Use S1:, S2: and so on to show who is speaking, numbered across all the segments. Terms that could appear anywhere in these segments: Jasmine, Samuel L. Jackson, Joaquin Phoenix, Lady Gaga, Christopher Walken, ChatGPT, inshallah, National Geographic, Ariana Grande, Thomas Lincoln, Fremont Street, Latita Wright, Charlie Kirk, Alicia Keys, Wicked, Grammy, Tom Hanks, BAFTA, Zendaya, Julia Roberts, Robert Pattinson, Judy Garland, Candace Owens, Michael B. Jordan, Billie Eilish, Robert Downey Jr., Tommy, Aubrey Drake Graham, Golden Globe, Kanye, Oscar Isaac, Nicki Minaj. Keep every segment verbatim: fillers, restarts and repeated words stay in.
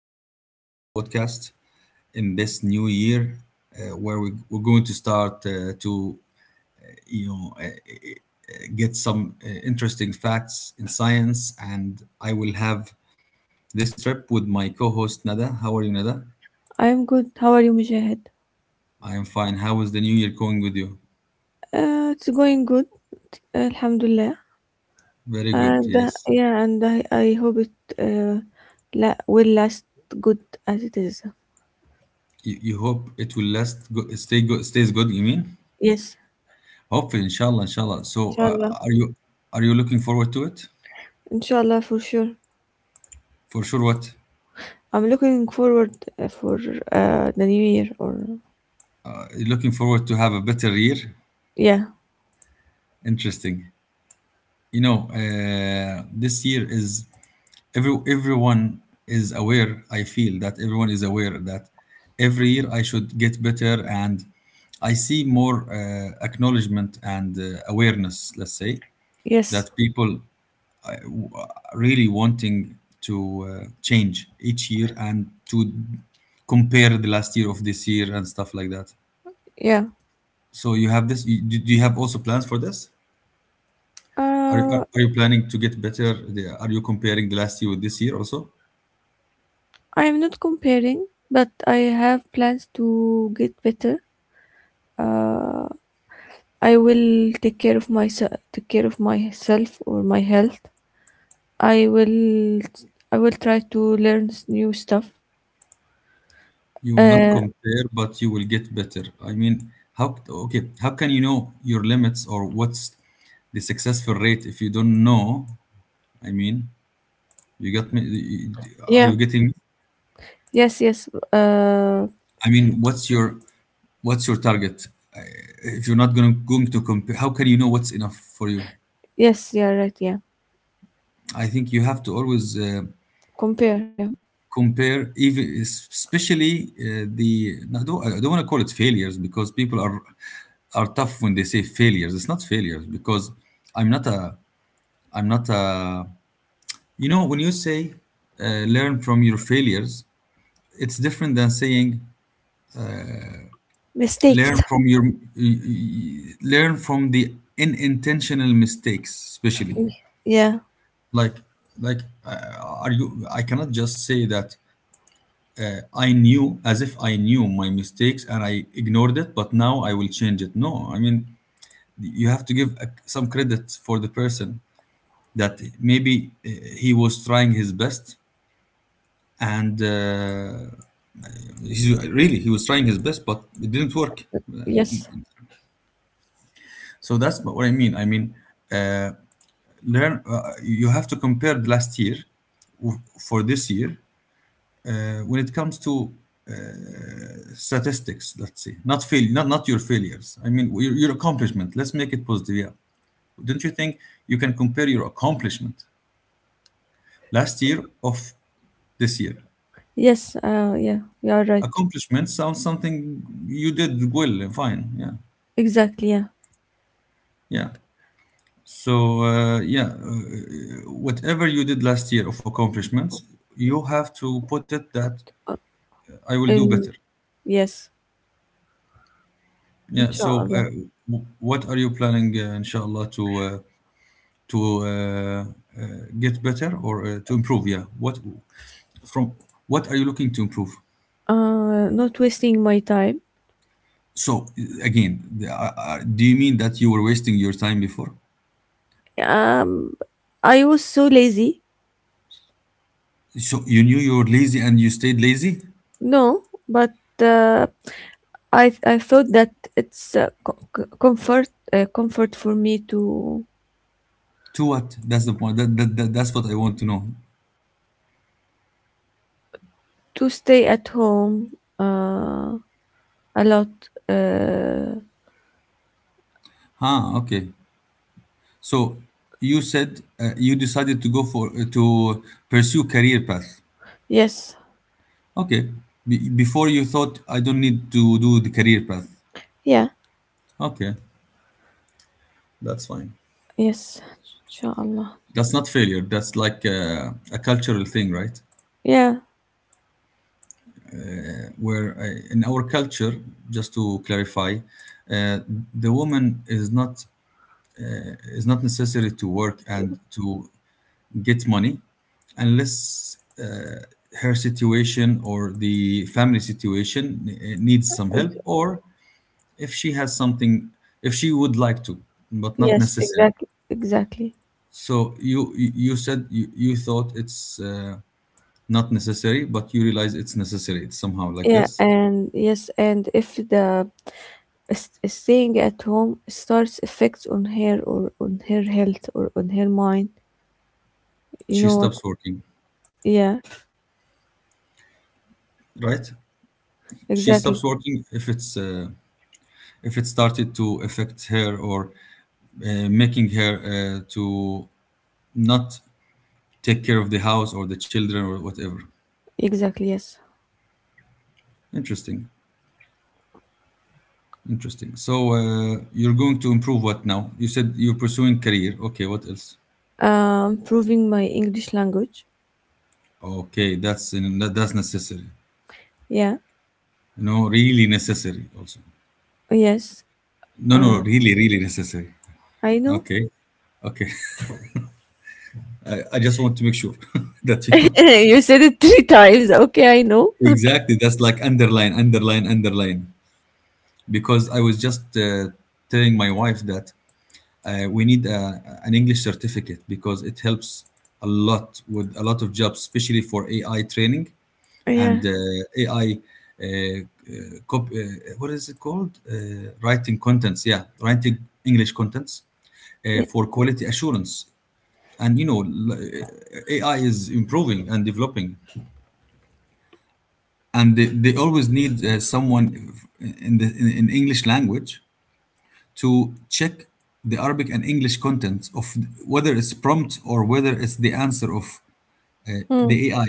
S1: host for today's podcast. In this new year, uh, where we, we're going to start uh, to you know uh, uh, get some uh, interesting facts in science, and I will have this trip with my co-host Nada. How are you, Nada?
S2: I'm good. How are you, Mujahid?
S1: I am fine. How is the new year going with you?
S2: Uh, it's going good. Alhamdulillah.
S1: Very good.
S2: And uh,
S1: Yes.
S2: yeah, and I, I hope it uh, la- will last good as it is.
S1: You, you hope it will last, go, stay good, stays good. You mean?
S2: Yes,
S1: Hopefully, inshallah, inshallah. So,
S2: inshallah.
S1: uh, are you are you looking forward to it?
S2: Inshallah, for sure.
S1: For sure. What?
S2: I'm looking forward uh, for uh, the new year or
S1: Uh, Looking forward to have a better year.
S2: yeah,
S1: Interesting. You know, uh, this year is every everyone is aware. I feel that everyone is aware that every year I should get better, and I see more uh, acknowledgement and uh, awareness. Let's say
S2: yes,
S1: that people uh, w- really wanting to uh, change each year and to compare the last year of this year and stuff like that.
S2: yeah.
S1: So you have this. you- Do do you have also plans for this? Are you,
S2: Uh,
S1: are you planning to get better? The- Are you comparing the last year with this year also?
S2: I'm not comparing, but I have plans to get better. Uh, I will take care of myself, take care of myself or my health. I will I will try to learn s- new stuff.
S1: You will not
S2: Uh,
S1: compare, but you will get better. I mean, how okay? How can you know your limits or what's the successful rate if you don't know? I mean, you got me. Are
S2: yeah.
S1: you getting me?
S2: Yes, yes. Uh,
S1: I mean, what's your what's your target? Uh, If you're not going to, going to compare, how can you know what's enough for you?
S2: yes, yeah, right, yeah.
S1: I think you have to always. Uh,
S2: Compare, yeah.
S1: compare, even especially uh, the no, I don't, I don't want to call it failures, because people are are tough when they say failures. It's not failures, because i'm not a i'm not a you know, when you say uh, learn from your failures, it's different than saying
S2: Mistakes.
S1: learn from your learn from the unintentional mistakes, especially
S2: Yeah.
S1: like like uh, are you, I cannot just say that I knew, as if I knew my mistakes and I ignored it, but now I will change it. No, I mean, you have to give uh, some credit for the person that maybe uh, he was trying his best and uh, he's, really he was trying his best, but it didn't work. Uh,
S2: Yes.
S1: So that's what I mean. I mean, uh, learn, uh, you have to compare the last year w- for this year. Uh, when it comes to statistics, let's say, not fail, not, not your failures, I mean your, your accomplishment. Let's make it positive. Yeah, don't you think you can compare your accomplishment last year of this year?
S2: Yes, uh, yeah. You are right.
S1: Accomplishment sounds something you did well and fine, yeah.
S2: Exactly, yeah.
S1: Yeah, so uh, yeah uh, whatever you did last year of accomplishments, you have to put it that
S2: Uh,
S1: I will do
S2: And
S1: better.
S2: yes,
S1: Yeah, so
S2: inshallah.
S1: uh, w- what are you planning, uh, inshallah, to uh, to uh, uh, get better or uh, to improve? Yeah, what from, what are you looking to improve?
S2: Uh, not wasting my time.
S1: So again, the- are- are- do you mean that you were wasting your time before?
S2: Um, I was so lazy.
S1: So you knew you were lazy and you stayed lazy
S2: No, but uh, I th- I thought that it's uh, co- co- comfort uh, comfort for me to
S1: to what? That's the point, that, that, that that's what I want to know.
S2: to stay at home uh, a lot. Uh,
S1: Ah, okay, so you said, uh, you decided to go for, uh, to pursue career path.
S2: yes,
S1: Okay. Be- before you thought, I don't need to do the career path.
S2: yeah,
S1: Okay, that's fine.
S2: yes, inshallah.
S1: That's not failure. That's like uh, a cultural thing, right?
S2: Yeah,
S1: Where, uh, in our culture, just to clarify, uh, the woman is not is not necessary to work and to get money, unless uh, her situation or the family situation uh, needs some help,
S2: ex-
S1: or if she has something, if she would like to, but not
S2: yes,
S1: necessary.
S2: exactly, exactly.
S1: So you you you said you, you thought it's uh, not necessary, but you realize it's necessary. It's somehow like
S2: Yeah,
S1: this.
S2: and yes, and if the s- staying at home starts effects on her or on her health or on her mind, you
S1: She
S2: know what?
S1: stops working,
S2: Yeah,
S1: right? She
S2: exactly,
S1: stops working if it's uh, if it started to affect her, or uh, making her uh, to not take care of the house or the children or whatever.
S2: exactly. Yes.
S1: Interesting, interesting. So, uh, you're going to improve what now? You said you're pursuing career. Okay, what else?
S2: Um, proving my English language.
S1: Okay, that's in, that, that's necessary.
S2: Yeah.
S1: You know, really necessary also.
S2: Yes.
S1: No, no,
S2: Uh,
S1: really, really necessary.
S2: I know.
S1: Okay. Okay. I, I just want to make sure that you know
S2: You said it three times. Okay, I know. Okay.
S1: exactly. That's like underline, underline, underline, because I was just uh, telling my wife that uh, we need a, an English certificate because it helps a lot with a lot of jobs, especially for A I training, and
S2: Yeah.
S1: uh, A I uh, uh, cop- uh, what is it called, uh, writing contents. Yeah, writing English contents uh,
S2: Yeah.
S1: for quality assurance. And you know, l- A I is improving and developing, and they, they always need uh, someone in the in, in English language to check the Arabic and English content of whether it's prompt or whether it's the answer of
S2: Mm.
S1: the A I.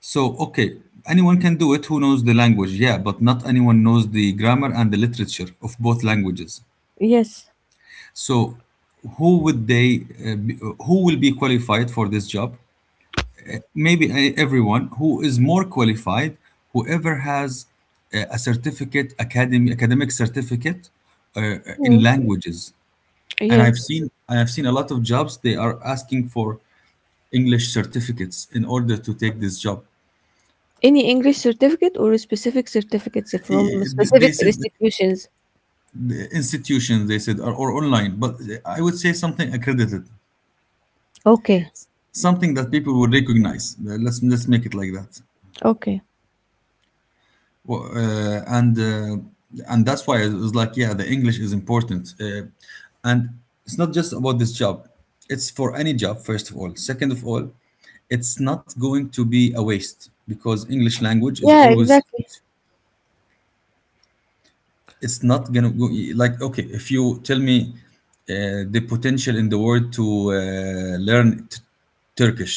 S1: So okay, anyone can do it who knows the language, yeah, but not anyone knows the grammar and the literature of both languages.
S2: Yes.
S1: So who would they uh, be, who will be qualified for this job? Maybe uh, everyone who is more qualified, whoever has uh, a certificate, academy, academic certificate uh, in
S2: Mm.
S1: languages. And
S2: Yeah.
S1: I've seen I have seen a lot of jobs they are asking for English certificates in order to take this job.
S2: Any English certificate or specific certificates from
S1: I- They
S2: specific
S1: said
S2: institutions?
S1: the institutions, they said, or, or online, but I would say something accredited,
S2: Okay.
S1: something that people would recognize. Let's let's make it like that.
S2: Okay.
S1: Well, uh, and uh, and that's why it was like, yeah, the English is important, uh, and it's not just about this job. It's for any job, first of all. Second of all, it's not going to be a waste, because English language is
S2: Yeah,
S1: always,
S2: exactly.
S1: it's not gonna go like, okay, if you tell me uh, the potential in the world to uh, learn t- turkish,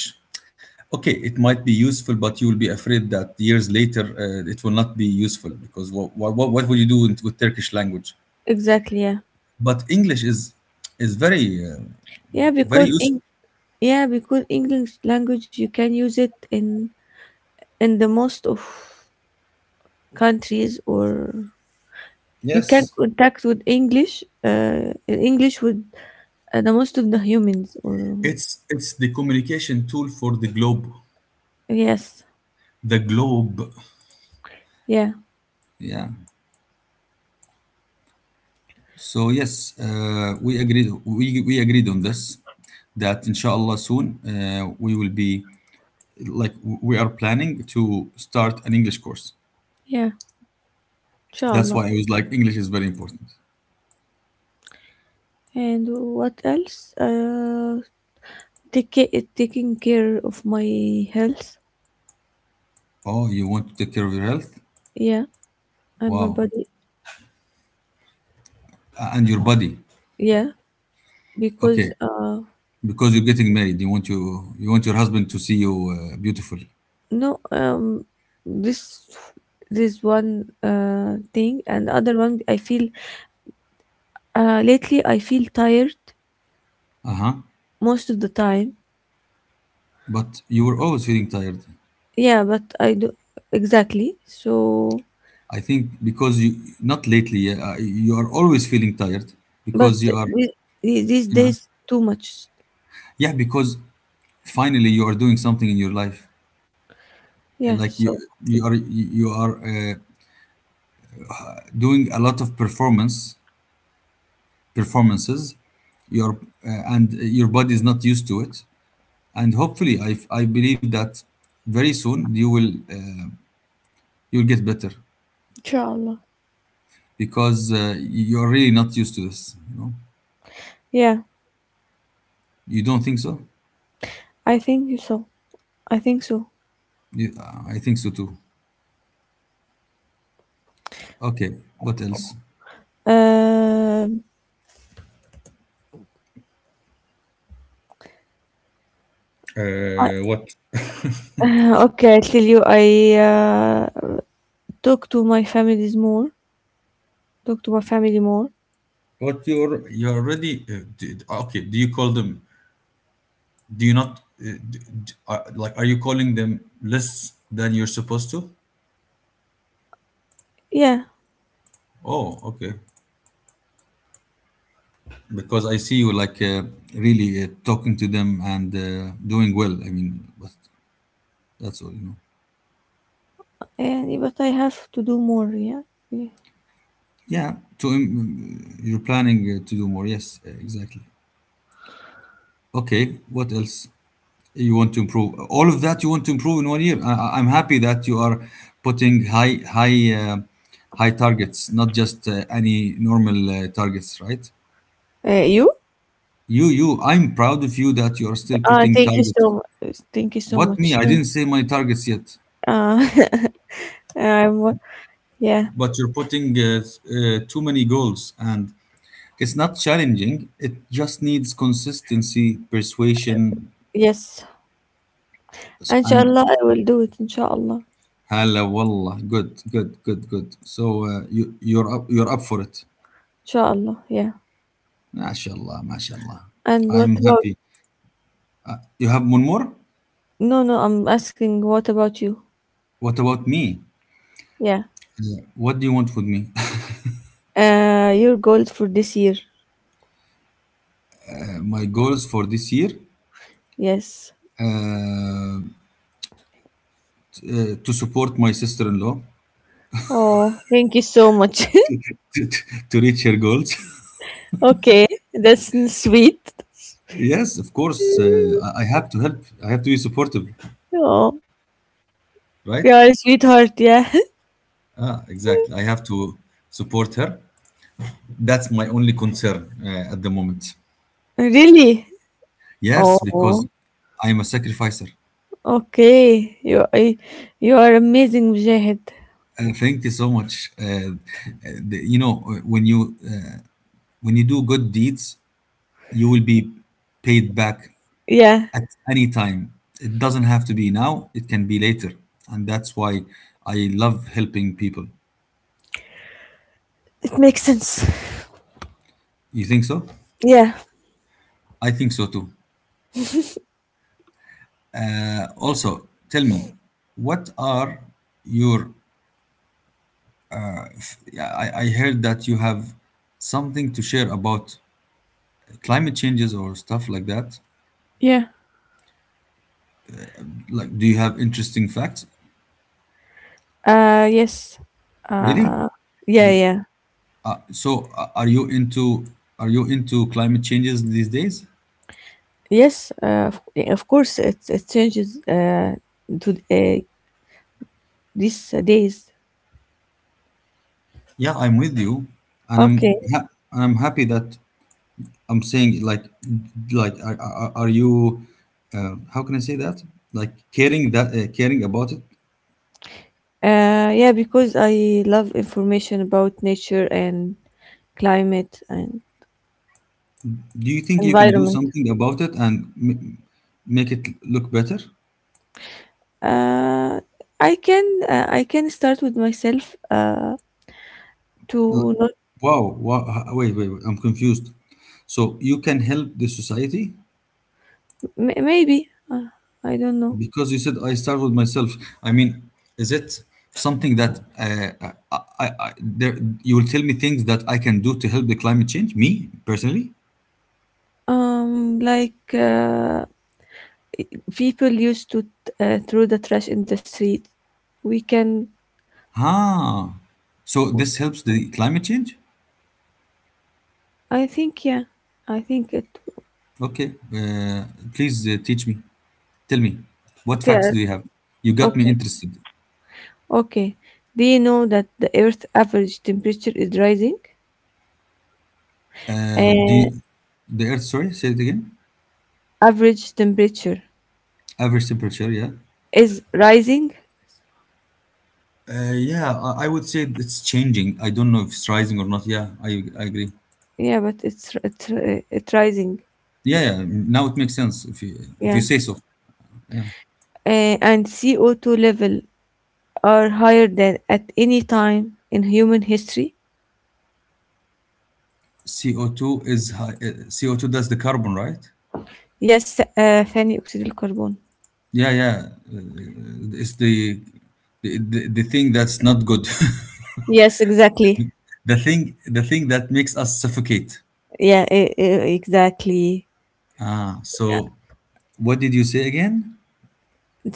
S1: okay, it might be useful, but you will be afraid that years later uh, it will not be useful because what, what, what will you do with, with turkish language?
S2: Exactly, yeah.
S1: But english is is very uh,
S2: Yeah,
S1: very
S2: because
S1: useful.
S2: Eng- yeah, because English language you can use it in in the most of countries or you can
S1: Yes,
S2: contact with English. Uh, English with uh, the most of the humans. Or
S1: it's it's the communication tool for the globe,
S2: yes,
S1: the globe,
S2: yeah,
S1: yeah. So yes, uh, we agreed, we, we agreed on this that inshallah, soon, uh, we will be, like, we are planning to start an English course.
S2: yeah.
S1: That's
S2: Inshallah.
S1: why I was like, English is very important.
S2: And what else? Uh, take ca- taking care of my health.
S1: Oh, you want to take care of your health?
S2: Yeah, and my
S1: Wow,
S2: body.
S1: A- and your body.
S2: Yeah, because
S1: Okay,
S2: uh,
S1: because you're getting married, you want, you you want your husband to see you uh, beautiful.
S2: no, um, this this one uh thing and other one. I feel uh lately I feel tired
S1: Uh huh.
S2: most of the time.
S1: But you were always feeling tired.
S2: Yeah, but I do exactly. So,
S1: I think because you, not lately. Uh, you are always feeling tired
S2: but
S1: because you
S2: the-
S1: are.
S2: the- these
S1: Yeah.
S2: days too much.
S1: Yeah, because finally you are doing something in your life. Uh,
S2: Yeah.
S1: Like you,
S2: So,
S1: you are you you are uh, doing a lot of performance performances. Your uh, and your body is not used to it. And hopefully, I I believe that very soon you will uh, you'll get better
S2: inshallah.
S1: because uh, you are really not used to this. You know,
S2: Yeah,
S1: you don't think so?
S2: I think so. I think so.
S1: You, I think so too. Okay, what else?
S2: Um. I,
S1: Uh, what?
S2: okay, I tell you, I uh, talk to my families more. Talk to my family more.
S1: What, you're you're already uh, d- okay? Do you call them, do you not uh, d d- are, like, are you calling them less than you're supposed to?
S2: Yeah,
S1: Oh, okay, because I see you like, uh, really uh, talking to them and uh, doing well, I mean, but that's all, you know.
S2: and but I have to do more. Yeah. Yeah.
S1: Yeah, to im- you're planning uh, to do more, yes, uh, exactly. Okay, what else? You want to improve all of that, you want to improve in one year? I, I- I'm happy that you are putting high high uh, high targets, not just uh, any normal uh, targets, right?
S2: Uh, you?
S1: You, you, I'm proud of you that you're still
S2: Uh,
S1: putting
S2: thank you so
S1: targets.
S2: much. Thank you so
S1: What, me?
S2: much.
S1: I didn't say my targets yet,
S2: Uh, I'm, yeah.
S1: but you're putting uh, uh, too many goals, and it's not challenging. It just needs consistency, persuasion,
S2: Yes.
S1: s-
S2: إن شاء
S1: and
S2: I will do it إن شاء الله.
S1: hala wallah. Good, good, good, good. So uh, you, you're up, you're up for it.
S2: إن yeah.
S1: MashaAllah, MashaAllah.
S2: And
S1: I'm
S2: what about
S1: happy. You have one more?
S2: no no I'm asking what about you
S1: What about me?
S2: yeah
S1: What do you want with me?
S2: uh your goal for this year?
S1: My goals for this year?
S2: Yes.
S1: Uh, uh, to support my sister-in-law.
S2: Oh thank you so much.
S1: to, to reach her goals.
S2: Okay, that's n- sweet.
S1: Yes, of course, uh, I I have to help. I have to be supportive,
S2: Oh,
S1: right?
S2: you are a sweetheart, yeah.
S1: Ah, exactly. I have to support her. That's my only concern uh, at the moment.
S2: Really.
S1: Yes, because
S2: Oh
S1: I'm a sacrificer.
S2: okay, you I- you are amazing, Mujahid.
S1: And thank you so much. Uh, uh, the- you know, uh, when you uh, when you do good deeds, you will be paid back
S2: Yeah,
S1: at any time. It doesn't have to be now, it can be later. And that's why I love helping people.
S2: it makes sense.
S1: You think so?
S2: Yeah.
S1: I think so too. Uh, also, tell me, what are your. I, I heard that you have something to share about climate changes or stuff like that.
S2: Yeah.
S1: Like, do you have interesting facts?
S2: uh yes
S1: Really?
S2: uh yeah.
S1: The-
S2: Yeah.
S1: Uh, so, uh, are you into are you into climate changes these days?
S2: Yes, uh, of of course, it, it changes uh, to uh, these days.
S1: Yeah, I'm with you, and I'm
S2: Okay.
S1: ha- and I'm happy that I'm saying like like are, are are you uh, how can I say that, like, caring that, uh, caring about it?
S2: Uh, yeah, because I love information about nature and climate and
S1: Do you think you can do
S2: environment.
S1: something about it and m- make it look better?
S2: Uh, I can uh, I can start with myself uh,
S1: L-
S2: to not
S1: wow, wow h- Wait, wait wait I'm confused. So you can help the society
S2: m- maybe uh, I don't know.
S1: because you said I start with myself? I mean, is it something that, uh, I, I, I there you will tell me things that I can do to help the climate change me personally?
S2: Um, like uh, people used to uh, throw the trash in the street. We can.
S1: Ah, so this helps the climate change?
S2: I think yeah. I think it.
S1: Okay, uh, please, uh, teach me. Tell me, what facts
S2: Clear.
S1: do you have? You got me
S2: Okay.
S1: interested.
S2: Okay. Do you know that the Earth's average temperature is rising?
S1: Uh, do
S2: Uh,
S1: you, the Earth, sorry, say it again.
S2: average temperature
S1: Average temperature, yeah.
S2: is rising.
S1: Uh, yeah, I, I would say it's changing. I don't know if it's rising or not. Yeah, I, I agree.
S2: Yeah, but it's it's uh, it's rising.
S1: Yeah, yeah, now it makes sense if you, if you
S2: Yeah.
S1: say so. Yeah.
S2: Uh, and C O two level are higher than at any time in human history.
S1: C O two is high, uh, C O two, that's the carbon, right?
S2: Yes, uh, ثاني أكسيد الكربون.
S1: Yeah, yeah. Uh, it's the the, the the thing that's not good.
S2: Yes, exactly.
S1: The thing the thing that makes us suffocate.
S2: Yeah, e- e- exactly.
S1: Ah, so what did you say again?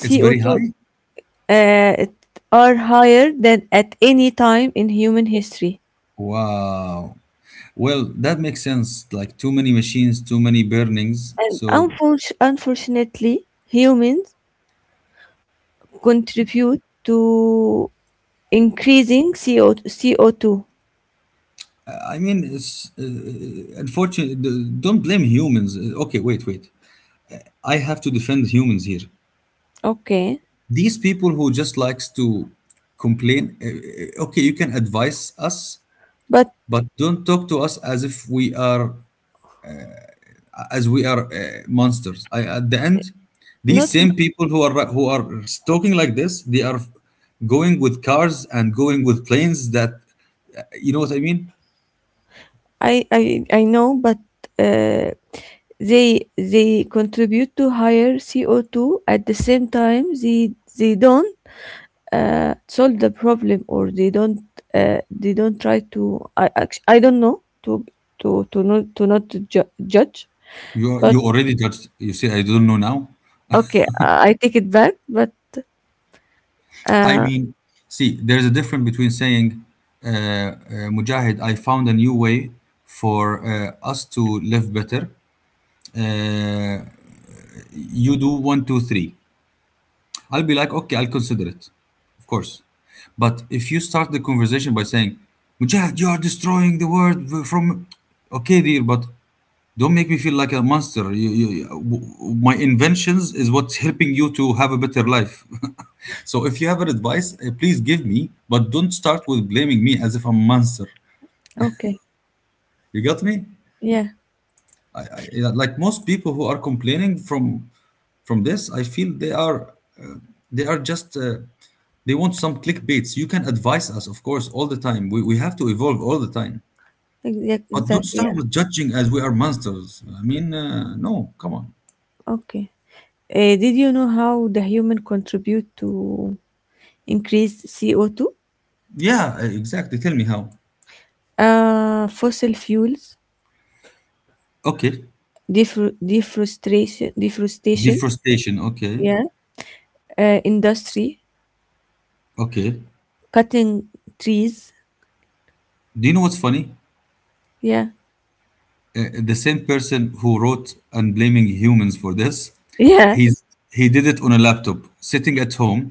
S1: It's very high.
S2: uh, it are higher than at any time in human history.
S1: Wow, well, that makes sense. Like, too many machines, too many burnings.
S2: And
S1: So
S2: unfor- unfortunately, humans contribute to increasing C O C O two.
S1: I mean, it's, uh, unfortunate. D- don't blame humans. Uh, okay, wait wait I have to defend humans here.
S2: Okay,
S1: These people who just likes to complain, uh, uh, okay, you can advise us,
S2: but
S1: but don't talk to us as if we are, as we are, uh, monsters. I, at the end, these
S2: not
S1: same people who are who are talking like this, they are going with cars and going with planes. That, you know what I mean.
S2: I I I know, but uh, they they contribute to higher C O two at the same time they they don't uh, solve the problem or they don't uh, they don't try to I act- I don't know to to to not to not to ju- judge
S1: You
S2: but
S1: you already judged. You say I don't know now.
S2: okay I I take it back but
S1: I
S2: Uh,
S1: mean, see, there's a difference between saying, uh, uh, "Mujahid, I found a new way for, uh, us to live better." Uh, you do one, two, three. I'll be like, okay, I'll consider it, of course. But if you start the conversation by saying, Mujahid, you are destroying the world from. Okay, dear, but don't make me feel like a monster. You, you, you- my inventions is what's helping you to have a better life. So if you have an advice, uh, please give me, but don't start with blaming me as if I'm a monster.
S2: okay.
S1: You got me?
S2: Yeah,
S1: I, I, yeah, like most people who are complaining from From this, I feel they are, uh, they are just, uh, they want some clickbaits. You can advise us, of course, all the time. We, we have to evolve all the time.
S2: exact,
S1: But don't
S2: exactly.
S1: start
S2: Yeah.
S1: with judging as we are monsters. I mean, uh, no, come on.
S2: Okay. Uh, did you know how the human contribute to increase C O two?
S1: Yeah, uh, exactly. Tell me how.
S2: Uh, fossil fuels,
S1: Okay.
S2: defro deforestation, deforestation.
S1: Deforestation. Okay.
S2: Yeah. Uh, industry,
S1: Okay. Do
S2: cutting trees.
S1: you know what's funny?
S2: Yeah.
S1: The same person who wrote and blaming humans for this,
S2: Yeah.
S1: he's, he did it on a laptop sitting at home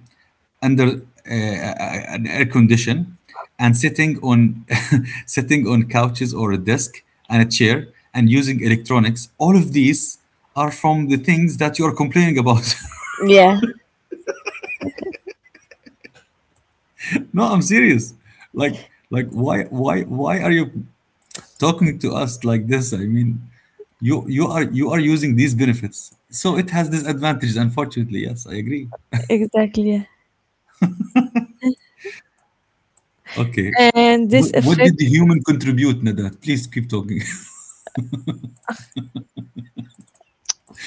S1: under, uh, uh, an air condition, and sitting on sitting on couches or a desk and a chair and using electronics. All of these are from the things that you're complaining about.
S2: Yeah.
S1: No, I'm serious. Like, like why why why are you talking to us like this? I mean, you you are you are using these benefits, so it has disadvantages, unfortunately, yes, I agree.
S2: Exactly.
S1: Okay,
S2: Yeah. And this
S1: what, what
S2: affect.
S1: did the human contribute, nadat, please keep talking.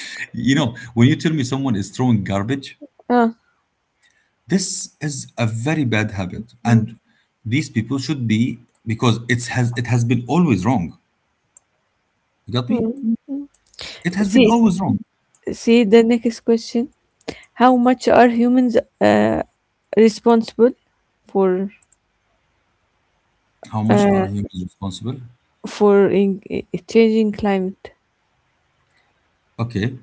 S1: You know, when you tell me someone is throwing garbage,
S2: Uh,
S1: this is a very bad habit,
S2: mm,
S1: and these people should be, because it has it has been always wrong, you got me?
S2: mm.
S1: It has been
S2: See,
S1: always wrong.
S2: see the next question. How much are humans uh, responsible for
S1: How much
S2: uh,
S1: are humans responsible?
S2: for in, i- changing climate?
S1: Okay.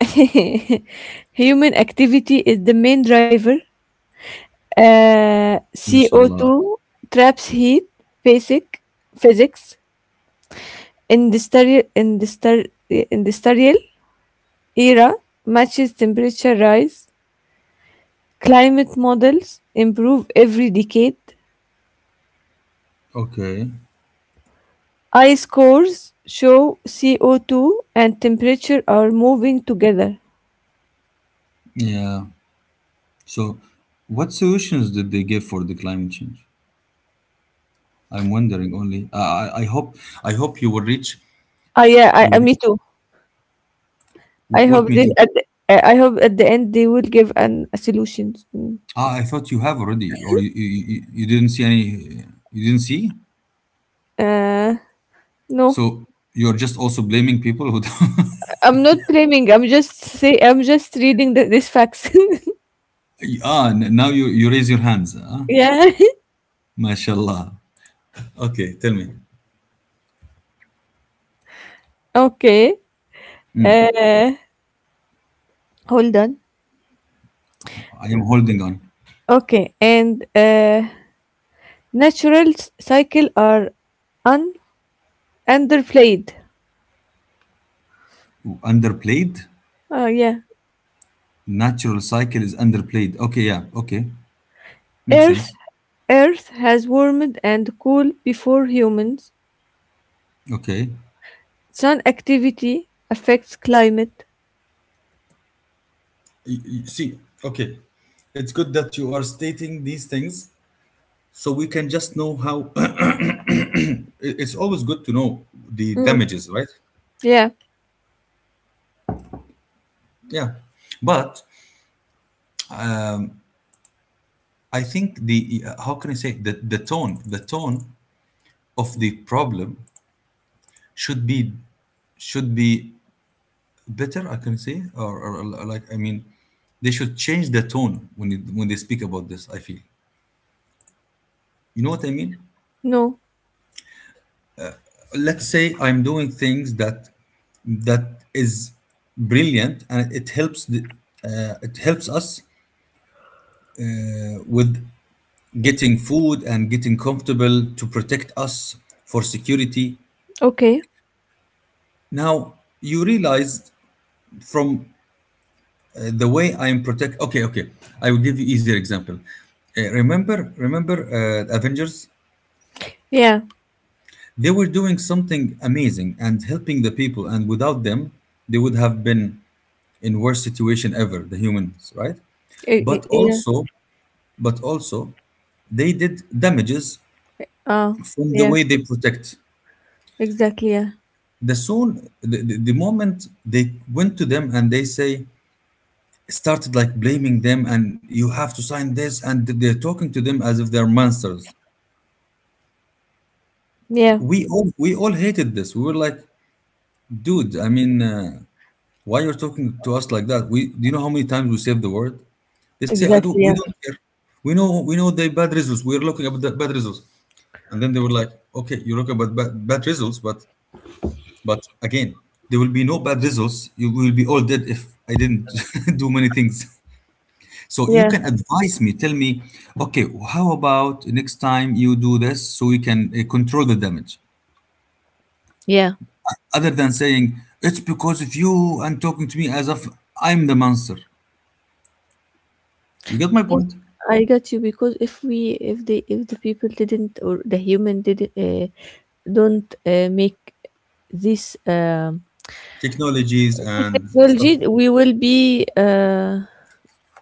S2: Human activity is the main driver. Uh,
S1: Mashallah.
S2: C O two traps heat. Basic physics. Industrial industrial Industrial era matches temperature rise. Climate models improve every decade.
S1: Okay,
S2: Ice cores show C O two and temperature are moving together.
S1: yeah. So what solutions did they give for the climate change? I'm wondering only. Uh, I I hope I hope you will reach
S2: Ah, yeah, I, I,
S1: your,
S2: me too.
S1: wh-
S2: I
S1: what,
S2: hope
S1: me
S2: they,
S1: too.
S2: at the, I I hope at the end they will give an a solutions. Mm.
S1: Ah, I thought you have already, or you, you you you didn't see any. You didn't see,
S2: Uh, no,
S1: so you're just also blaming people who. Don't.
S2: I'm not blaming. I'm just say I'm just reading the, these facts.
S1: Ah, n- now you you raise your hands, huh?
S2: yeah.
S1: Mashallah. Okay, tell me.
S2: Okay. Uh, hold on.
S1: I am holding on.
S2: Okay, and uh, natural s- cycle are un underplayed.
S1: Underplayed.
S2: Oh yeah.
S1: Natural cycle is underplayed. Okay, yeah. Okay, makes
S2: Earth
S1: sense.
S2: Earth has warmed and cooled before humans.
S1: Okay.
S2: Sun activity affects climate.
S1: Y- y- See, okay. It's good that you are stating these things so we can just know how, it- it's always good to know the
S2: Mm,
S1: damages, right?
S2: yeah.
S1: Yeah. But I think the, uh, how can I say, the the tone the tone of the problem should be, should be better, I can say, or, or like, I mean, they should change the tone when you, when they speak about this, I feel. You know what I mean.
S2: No.
S1: Let's say I'm doing things that, that is brilliant, and it helps the, uh, it helps us, uh, with getting food and getting comfortable to protect us, for security.
S2: Okay.
S1: Now you realized from, uh, the way I am protect. Okay, okay, I will give you easier example. Uh, remember, remember, uh, Avengers.
S2: Yeah.
S1: They were doing something amazing and helping the people, and without them they would have been in worst situation ever, the humans, right?
S2: I-
S1: But
S2: I- yeah.
S1: also, but also, they did damages
S2: Uh,
S1: from the
S2: yeah.
S1: way they protect.
S2: Exactly. Yeah.
S1: The soon, the, the, the moment they went to them, and they say started like blaming them, and you have to sign this, and they're talking to them as if they're monsters.
S2: Yeah.
S1: We all we all hated this. We were like, dude, I mean, uh, why you're talking to us like that? We do, you know how many times we saved the word? They say, I do, we
S2: Exactly. Yeah.
S1: don't care. We know we know the bad results. We're looking at the bad results. And then they were like, okay, you look about bad, bad results, but But again, there will be no bad results. You will be all dead if I didn't do many things. So you
S2: Yeah.
S1: can advise me, tell me, okay, how about next time you do this, so we can, uh, control the damage?
S2: Yeah.
S1: Other than saying, it's because of you and talking to me as if I'm the monster. You get my
S2: Yes,
S1: point?
S2: I got you because if we if they, if the people didn't or the human didn't uh, don't uh, make this um
S1: Technologies and stuff.
S2: technology, we will be uh,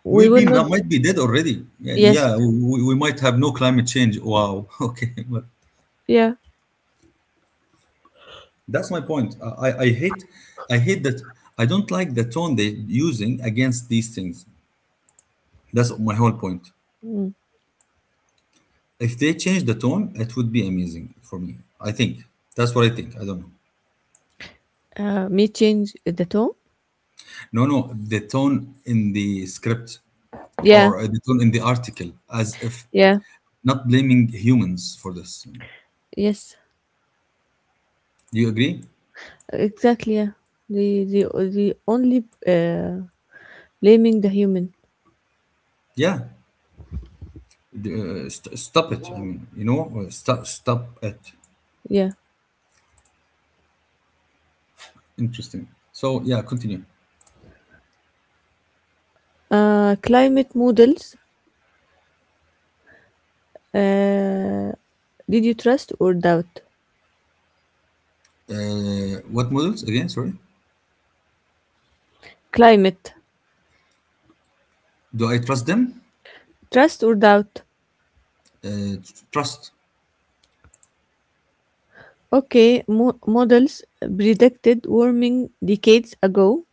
S2: we
S1: We'll
S2: will
S1: be,
S2: not.
S1: might be dead already. Yeah,
S2: Yes.
S1: yeah, we, we might have no climate change. Wow. Okay. But
S2: Yeah.
S1: that's my point. I, I I hate, I hate that, I don't like the tone they're using against these things. That's my whole point.
S2: Mm.
S1: If they change the tone, it would be amazing for me, I think. That's what I think. I don't know.
S2: Uh, me change the tone.
S1: No, no, the tone in the script
S2: Yeah,
S1: or, uh, the tone in the article, as if
S2: yeah.
S1: not blaming humans for this.
S2: Yes,
S1: Do you agree?
S2: exactly. Yeah, the the the only uh, blaming the human.
S1: Yeah. D- Uh, st- stop it. I mean, you know, uh, stop, stop it.
S2: Yeah.
S1: Interesting. So, yeah, continue.
S2: Uh, climate models. Uh, did you trust or doubt?
S1: Uh, what models again? Sorry.
S2: Climate
S1: Do I trust them?
S2: trust or doubt?
S1: Uh, trust.
S2: Okay, mo- models predicted warming decades ago.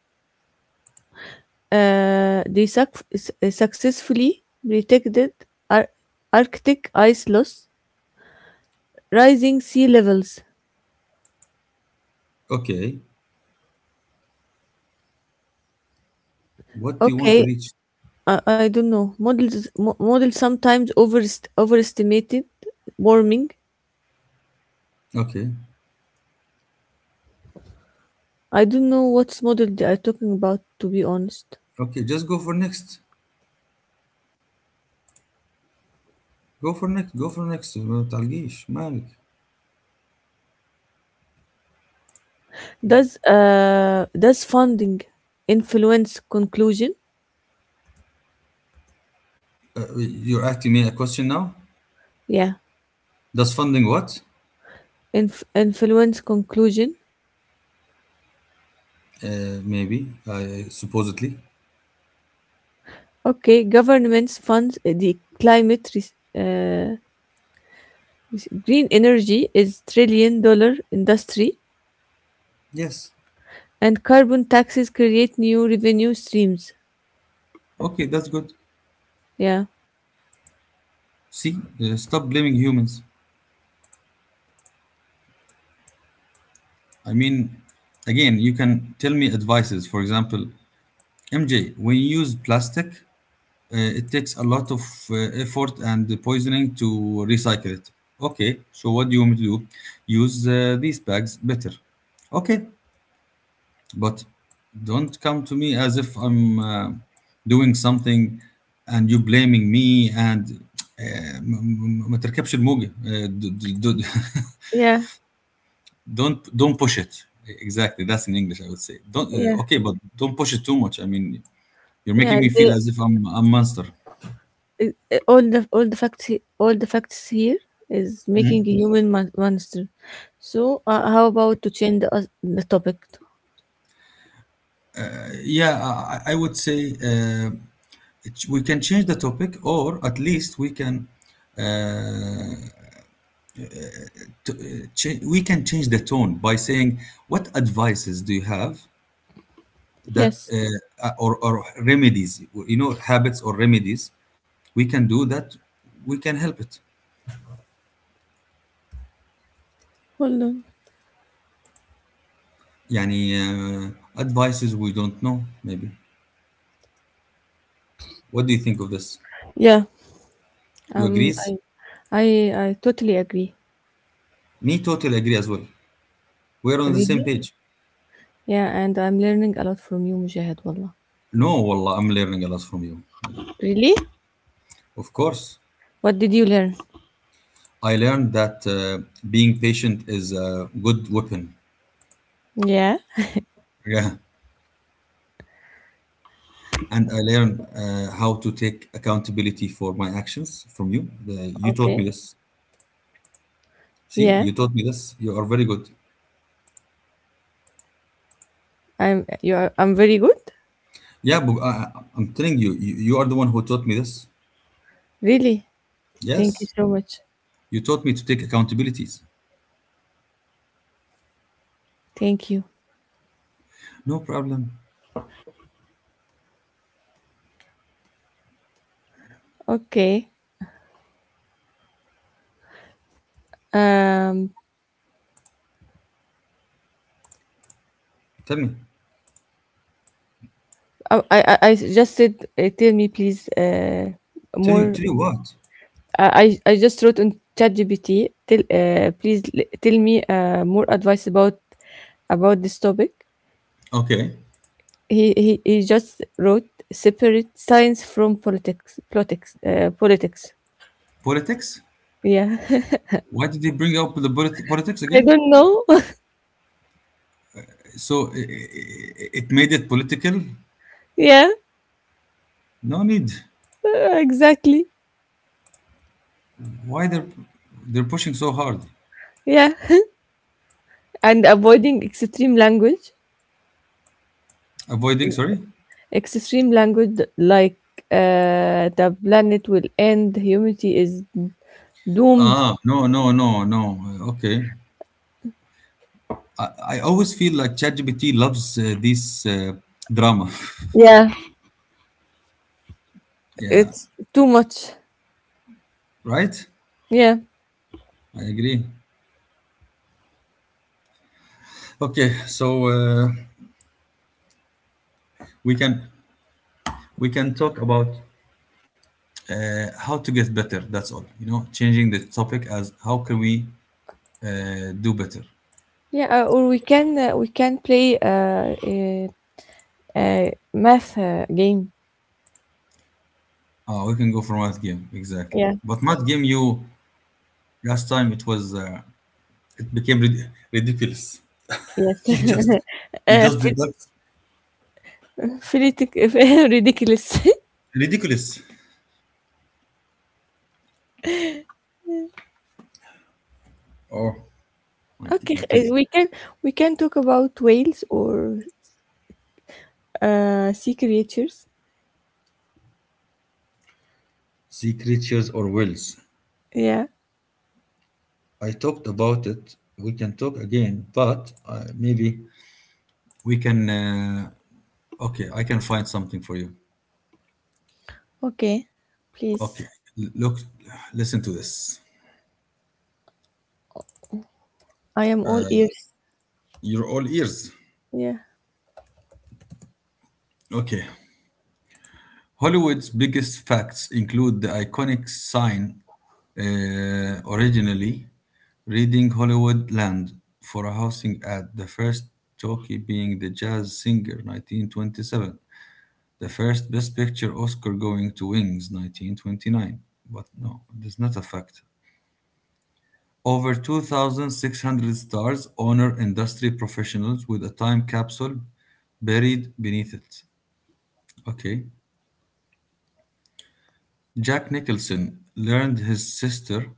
S2: Uh, they suc- s- successfully predicted ar- Arctic ice loss, rising sea levels.
S1: Okay. What do you want to
S2: Okay,
S1: reach?
S2: I, I don't know. Models mo- models sometimes overest- overestimated warming.
S1: Okay.
S2: I don't know what's model they are talking about to be honest.
S1: Okay. Just go for next. Go for next. Go for next. ما تعلقيش مالك.
S2: Does uh does funding influence conclusion?
S1: Uh, you're asking me a question now?
S2: Yeah,
S1: Does funding what?
S2: inf- influence conclusion.
S1: Uh, maybe. Uh, supposedly.
S2: Okay, governments funds the climate res- uh, res- green energy is trillion dollar industry
S1: Yes.
S2: and carbon taxes create new revenue streams.
S1: Okay. That's good.
S2: Yeah.
S1: See, uh, stop blaming humans. I mean, again, you can tell me advices. For example, M J, when you use plastic, uh, it takes a lot of, uh, effort and poisoning to recycle it. Okay, so what do you want me to do? Use, uh, these bags better. Okay, but don't come to me as if I'm, uh, doing something, and you blaming me, and آه، ما ما- ما تركبش الموجة. آه، د- د- د-
S2: Yeah.
S1: don't don't push it. Exactly, that's in English, I would say. Don't,
S2: Yeah.
S1: uh, okay, but don't push it too much. I mean, you're making
S2: Yeah,
S1: me feel
S2: they,
S1: as if I'm a monster.
S2: it- it- all the all the facts he- all the facts here is making a human mon- monster. So uh, how about to change the, us- the topic?
S1: Uh, Yeah, I, I would say. Uh, Ch- we can change the topic, or at least we can, uh, t- uh, cha- we can change the tone by saying, what advices do you have that,
S2: Yes,
S1: uh, uh, or, or remedies, you know, habits or remedies we can do, that we can help it?
S2: hold on.
S1: Yani, uh, advices we don't know, maybe. What do you think of this?
S2: Yeah,
S1: You
S2: um,
S1: agrees?
S2: I I I totally agree.
S1: Me totally agree as well. We're on the same
S2: Really?
S1: page.
S2: Yeah, and I'm learning a lot from you, Mujahid. Wallah.
S1: No wallah, I'm learning a lot from you, Nada.
S2: Really?
S1: Of course.
S2: What did you learn?
S1: I learned that, uh, being patient is a good weapon.
S2: Yeah.
S1: Yeah. And I learned, uh, how to take accountability for my actions from you. The, you taught me
S2: Okay.
S1: this. See,
S2: Yeah.
S1: you taught me this. You are very good.
S2: I'm you are I'm very good.
S1: Yeah, but I, I- am telling you, you, you are the one who taught me this.
S2: Really? Thank you
S1: Yes.
S2: so much.
S1: You taught me to take accountabilities.
S2: Thank you.
S1: No problem.
S2: Okay. Um
S1: Tell me.
S2: I, I, I just said, uh, tell me please uh,
S1: Tell you,
S2: more.
S1: tell you what?
S2: I, I I just wrote on ChatGPT. Tell uh, please l- tell me uh, more advice about about this topic.
S1: Okay.
S2: He, he he just wrote separate science from politics politics uh, politics.
S1: Politics?
S2: Yeah,
S1: Why did they bring up the polit- politics
S2: I
S1: again?
S2: don't know.
S1: So I- I- I- it made it political?
S2: yeah,
S1: No need.
S2: uh, exactly.
S1: Why they're they're pushing so hard?
S2: Yeah, and avoiding extreme language.
S1: Avoiding, sorry?
S2: Extreme language like uh, the planet will end, humanity is doomed.
S1: Ah, no, no, no, no. Uh, Okay. I, I always feel like ChatGPT loves uh, this uh, drama.
S2: Yeah,
S1: Yeah,
S2: it's too much.
S1: right?
S2: Yeah,
S1: I agree. Okay, so uh, we can we can talk about uh, how to get better. That's all. You know, changing the topic as how can we uh, do better.
S2: yeah. Uh, or we can uh, we can play uh, a uh math uh, game.
S1: Ah, we can go for math game exactly.
S2: Yeah.
S1: But math game, you last time it was uh, it became rid- ridiculous.
S2: Yes.
S1: You just you
S2: uh,
S1: just
S2: phil-
S1: did that.
S2: philitic, ridiculous.
S1: Ridiculous. Oh, my, te-
S2: okay,
S1: my
S2: uh,
S1: teeth.
S2: we can we can talk about whales or uh sea creatures.
S1: Sea creatures or whales.
S2: Yeah.
S1: I talked about it. We can talk again, but uh, maybe we can. Uh, okay, I can find something for you.
S2: Okay. Please,
S1: Okay, l- look, listen to this.
S2: I am all ears.
S1: You're all ears.
S2: Yeah.
S1: Okay, Hollywood's biggest facts include the iconic sign, uh, originally reading Hollywood Land for a housing ad, the first jockey being the jazz singer nineteen twenty-seven, the first Best Picture Oscar going to Wings nineteen twenty-nine. But no, that's not a fact. Over two thousand six hundred stars honor industry professionals with a time capsule buried beneath it. Okay. Jack Nicholson learned his sister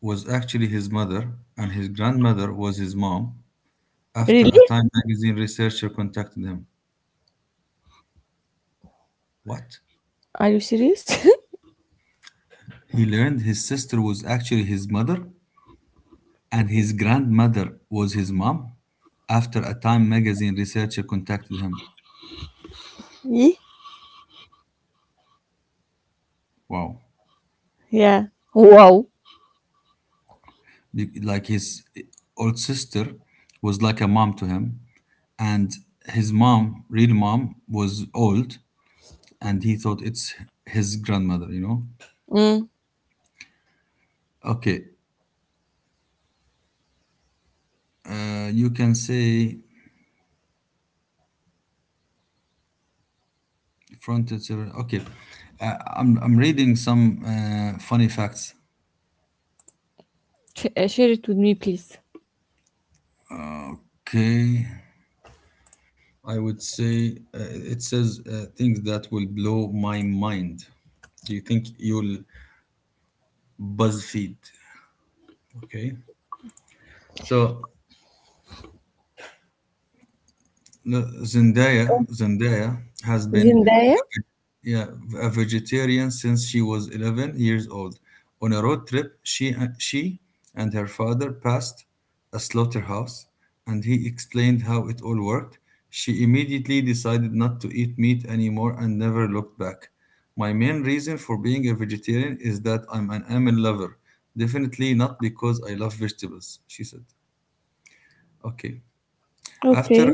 S1: was actually his mother, and his grandmother was his mom, after
S2: Really?
S1: a Time magazine researcher contacted him. What?
S2: Are you serious?
S1: He learned his sister was actually his mother, and his grandmother was his mom, after a Time magazine researcher contacted him.
S2: yeah.
S1: Wow.
S2: Yeah. Wow.
S1: Be- Like his old sister was like a mom to him, and his mom, real mom, was old, and he thought it's his grandmother, you know?
S2: Mm.
S1: Okay, uh, you can say Front and okay, uh, I'm I'm reading some uh, funny facts.
S2: Sh- uh, share it with me, please.
S1: Okay, I would say uh, it says uh, things that will blow my mind. Do you think you'll BuzzFeed? Okay, so the Zendaya Zendaya has been
S2: Zendaya.
S1: yeah, a vegetarian since she was eleven years old. On a road trip, she, she and her father passed a slaughterhouse and he explained how it all worked. She immediately decided not to eat meat anymore and never looked back. My main reason for being a vegetarian is that I'm an animal lover, definitely not because I love vegetables, she said. Okay.
S2: Okay.
S1: After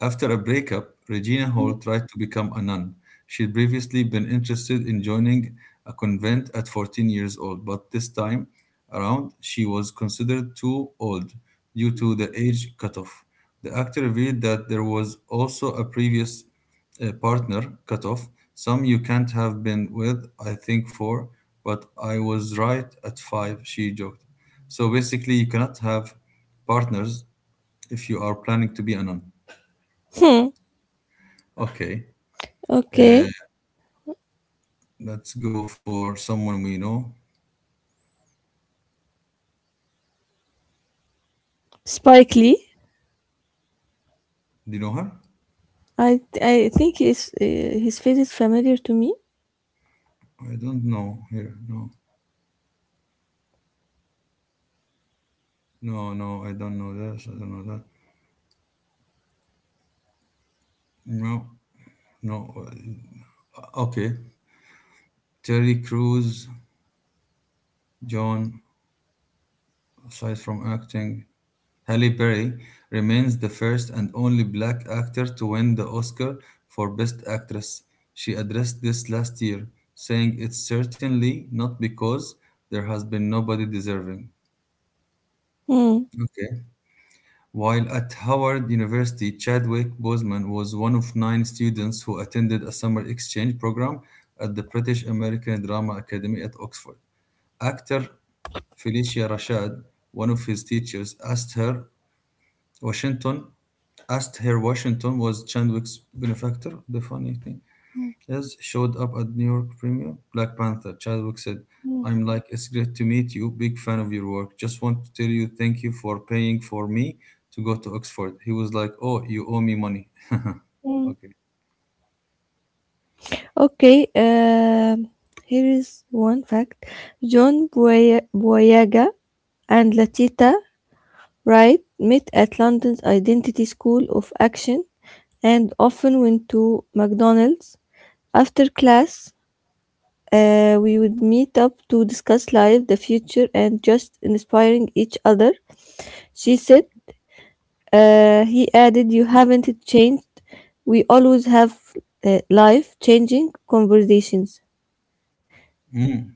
S1: After a breakup, Regina Hall tried to become a nun. She'd previously been interested in joining a convent at fourteen years old, but this time around she was considered too old due to the age cutoff. The actor revealed that there was also a previous uh, partner cutoff, some you can't have been with, I think four, but I was right at five, she joked. So basically, you cannot have partners if you are planning to be a nun.
S2: Hmm.
S1: Okay. Uh,
S2: Okay.
S1: let's go for someone we know.
S2: Spike Lee.
S1: Do you know her?
S2: I I think his uh, his face is familiar to me.
S1: I don't know here. No, no, no. I don't know this. I don't know that. No, no. Okay. Terry Crews, John. Aside from acting, Halle Berry remains the first and only black actor to win the Oscar for Best Actress. She addressed this last year, saying, "It's certainly not because there has been nobody deserving."
S2: Hmm.
S1: Okay. While at Howard University, Chadwick Boseman was one of nine students who attended a summer exchange program at the British American Drama Academy at Oxford. Actor Felicia Rashad, one of his teachers, asked her Washington asked her Washington was Chadwick's benefactor. The funny thing.
S2: Hmm.
S1: As showed up at New York Premiere, Black Panther, Chadwick said,
S2: Hmm.
S1: I'm like, it's great to meet you, big fan of your work. Just want to tell you thank you for paying for me to go to Oxford. He was like, oh, you owe me money.
S2: Hmm.
S1: Okay.
S2: Okay. Um. Here is one fact. John Boy- Boyega and Latita Wright met at London's Identity School of Action and often went to McDonald's. After class, uh, we would meet up to discuss life, the future, and just inspiring each other, she said. Uh, he added, you haven't changed. We always have uh, life changing conversations.
S1: Mm,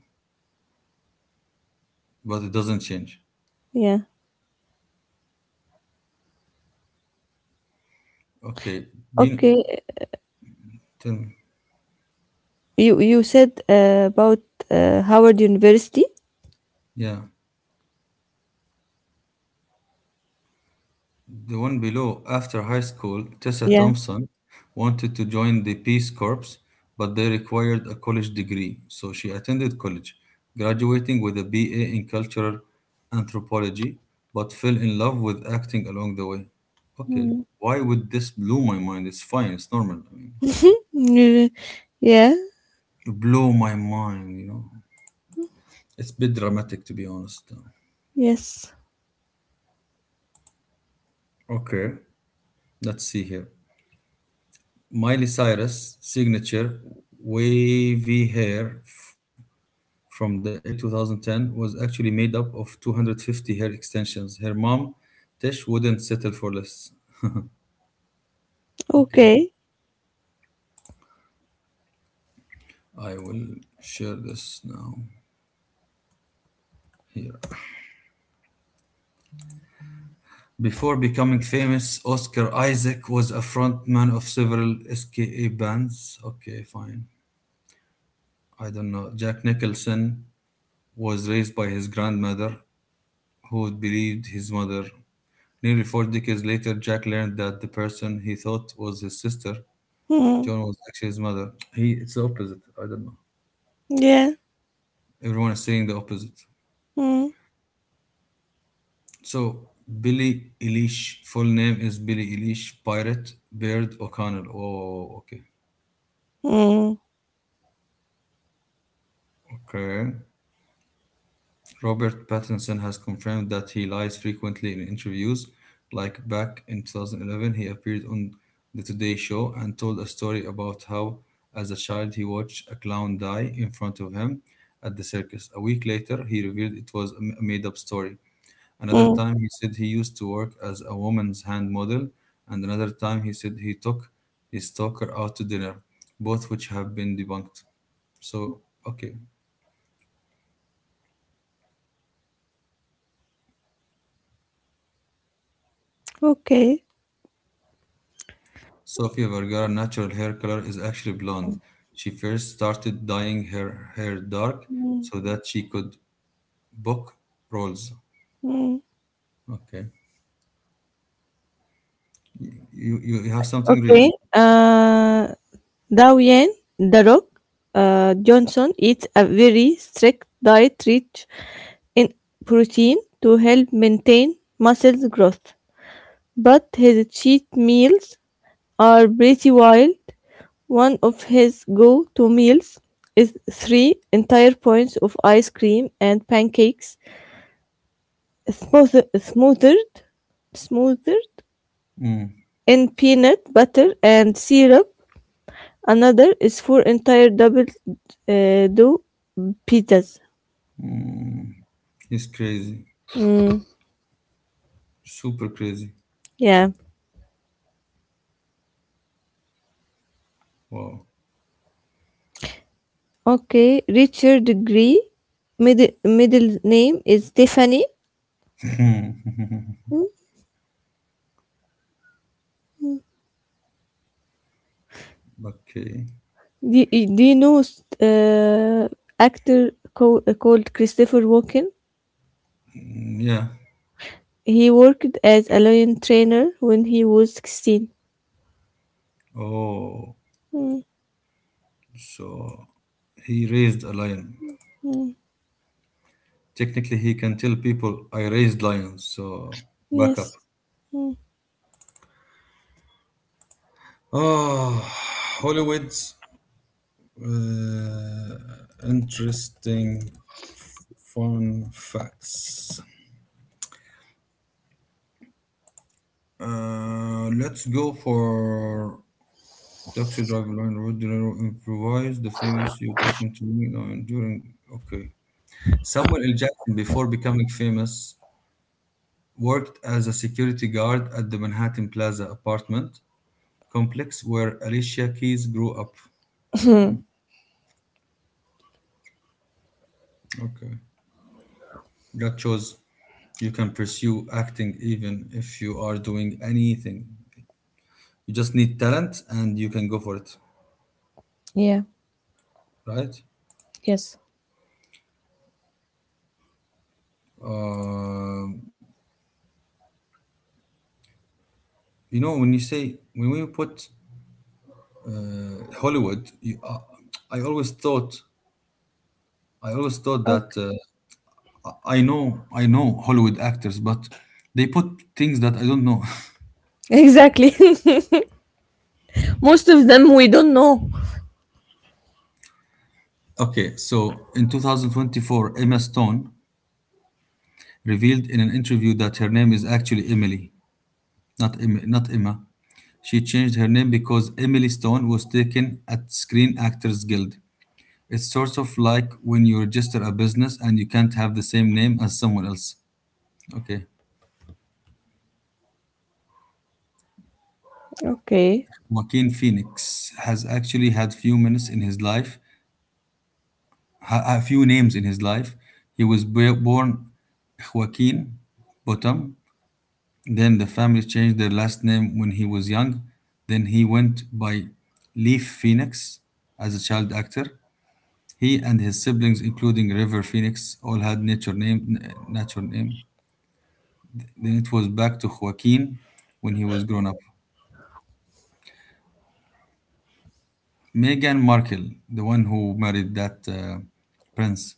S1: but it doesn't change.
S2: Yeah.
S1: Okay. You know,
S2: Okay.
S1: tell me.
S2: You, you said uh, about uh, Howard University.
S1: Yeah. The one below, after high school, Tessa
S2: Yeah.
S1: Thompson wanted to join the Peace Corps, but they required a college degree, so she attended college, graduating with a B A in Cultural Anthropology, but fell in love with acting along the way. Okay,
S2: Mm.
S1: why would this blow my mind? It's fine, it's normal. I mean,
S2: Yeah. Yeah.
S1: blow my mind, you know. It's a bit dramatic, to be honest.
S2: Yes.
S1: Okay, let's see here. Miley Cyrus signature wavy hair from the early twenty ten was actually made up of two hundred fifty hair extensions. Her mom, Tish, wouldn't settle for less. Okay,
S2: Okay.
S1: I will share this now here. Before becoming famous, Oscar Isaac was a frontman of several S K A bands. Okay, fine. I don't know. Jack Nicholson was raised by his grandmother, who believed his mother. Nearly four decades later, Jack learned that the person he thought was his sister
S2: Mm.
S1: John was actually his mother. He it's the opposite. I don't know.
S2: Yeah.
S1: Everyone is saying the opposite.
S2: Mm.
S1: So Billy Eilish full name is Billy Eilish Pirate Baird O'Connell. Oh, okay,
S2: Mm.
S1: okay. Robert Pattinson has confirmed that he lies frequently in interviews. Like back in two thousand eleven, he appeared on the Today Show and told a story about how, as a child, he watched a clown die in front of him at the circus. A week later, he revealed it was a made up story. Another
S2: Mm.
S1: time he said he used to work as a woman's hand model, and another time he said he took his stalker out to dinner, both which have been debunked. So, okay.
S2: Okay.
S1: Sofia Vergara's natural hair color is actually blonde. She first started dyeing her hair dark
S2: Mm.
S1: so that she could book roles.
S2: Mm.
S1: Okay. You, you, you have something
S2: Okay.
S1: reading.
S2: Uh, Dao Yen, The Rock, uh, Johnson eats a very strict diet rich in protein to help maintain muscle growth. But his cheat meals are pretty wild. One of his go to meals is three entire points of ice cream and pancakes smooth- smothered, smothered
S1: Mm,
S2: in peanut butter and syrup. Another is four entire double uh, dough pizzas.
S1: he's crazy.
S2: Mm,
S1: Super crazy.
S2: yeah.
S1: Wow.
S2: Okay, Richard Gere. Middle middle name is Stephanie.
S1: okay.
S2: Hmm? Do, y- do you know uh, actor co- uh, called Christopher Walken?
S1: Mm, yeah.
S2: He worked as a lion trainer when he was sixteen.
S1: Oh.
S2: Hmm,
S1: So he raised a lion.
S2: hmm.
S1: Technically, he can tell people, I raised lions, so back up.
S2: Yes. Hmm.
S1: Oh, Hollywood's uh, interesting fun facts. Uh, let's go for Taxi Driver Line Road. De Niro improvised the famous You're Talking to Me line during. Okay. Samuel L. Jackson, before becoming famous, worked as a security guard at the Manhattan Plaza apartment complex where Alicia Keys grew up. Okay. That shows you can pursue acting even if you are doing anything. You just need talent and you can go for it,
S2: yeah.
S1: right?
S2: Yes.
S1: Um, you know, when you say, when we put Hollywood, you, uh, I always thought, I always thought that
S2: Okay.
S1: uh, I know, I know Hollywood actors, but they put things that I don't know.
S2: Exactly. Most of them we don't know.
S1: okay, so in two thousand twenty-four, Emma Stone revealed in an interview that her name is actually Emily, not, Em- not Emma. She changed her name because Emily Stone was taken at Screen Actors Guild. It's sort of like when you register a business and you can't have the same name as someone else. Okay.
S2: Okay.
S1: Joaquin Phoenix has actually had few minutes in his life, ha- a few names in his life. He was b- born Joaquin Bottom. Then the family changed their last name when he was young. Then he went by Leaf Phoenix as a child actor. He and his siblings, including River Phoenix, all had nature name, n- natural name. Then it was back to Joaquin when he was grown up. Meghan Markle, the one who married that uh, prince.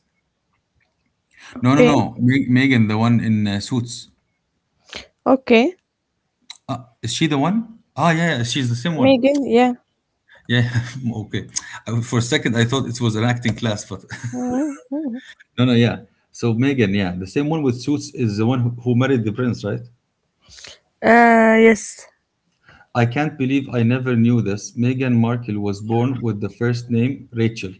S1: No, no,
S2: Okay.
S1: no. Me- Megan, the one in uh, Suits.
S2: Okay.
S1: Is she the one? Ah, yeah, yeah, she's the same one.
S2: Megan, yeah.
S1: Yeah, okay. I- For a second, I thought it was an acting class, but
S2: Mhm, mhm.
S1: no, no, yeah. So Megan, yeah, the same one with Suits is the one who who married the prince, right?
S2: Uh yes.
S1: I can't believe I never knew this. Meghan Markle was born with the first name Rachel,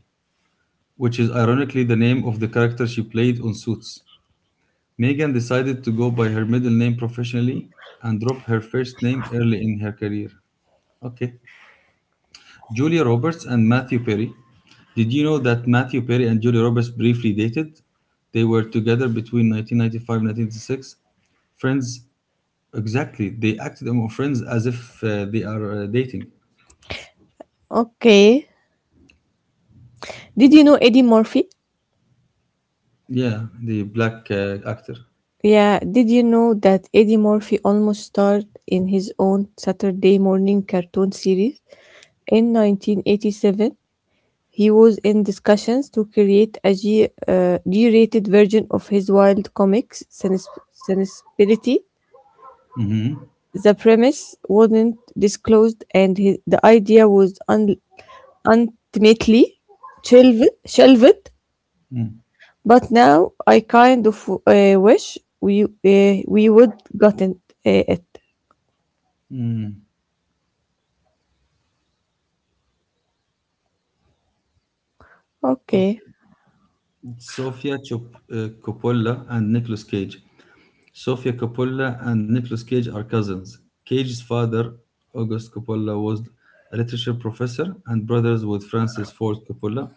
S1: which is ironically the name of the character she played on Suits. Meghan decided to go by her middle name professionally and drop her first name early in her career. Okay. Julia Roberts and Matthew Perry. Did you know that Matthew Perry and Julia Roberts briefly dated? They were together between nineteen ninety-five and nineteen ninety-six friends. Exactly. They acted on our Friends as if uh, they are uh, dating.
S2: Okay. Did you know Eddie Murphy?
S1: Yeah, the black uh, actor.
S2: Yeah, did you know that Eddie Murphy almost starred in his own Saturday morning cartoon series? In nineteen eighty-seven, he was in discussions to create a G, uh, G-rated version of his wild comics Sinus- Sinusperity. The premise wasn't disclosed, and his, the idea was un- ultimately shelved, shelved. But now I kind of uh, wish we uh, we would gotten uh, it. Okay.
S1: Okay. Sofia Chop- uh, Coppola and Nicolas Cage. Sofia Coppola and Nicolas Cage are cousins. Cage's father, August Coppola, was a literature professor and brothers with Francis Ford Coppola,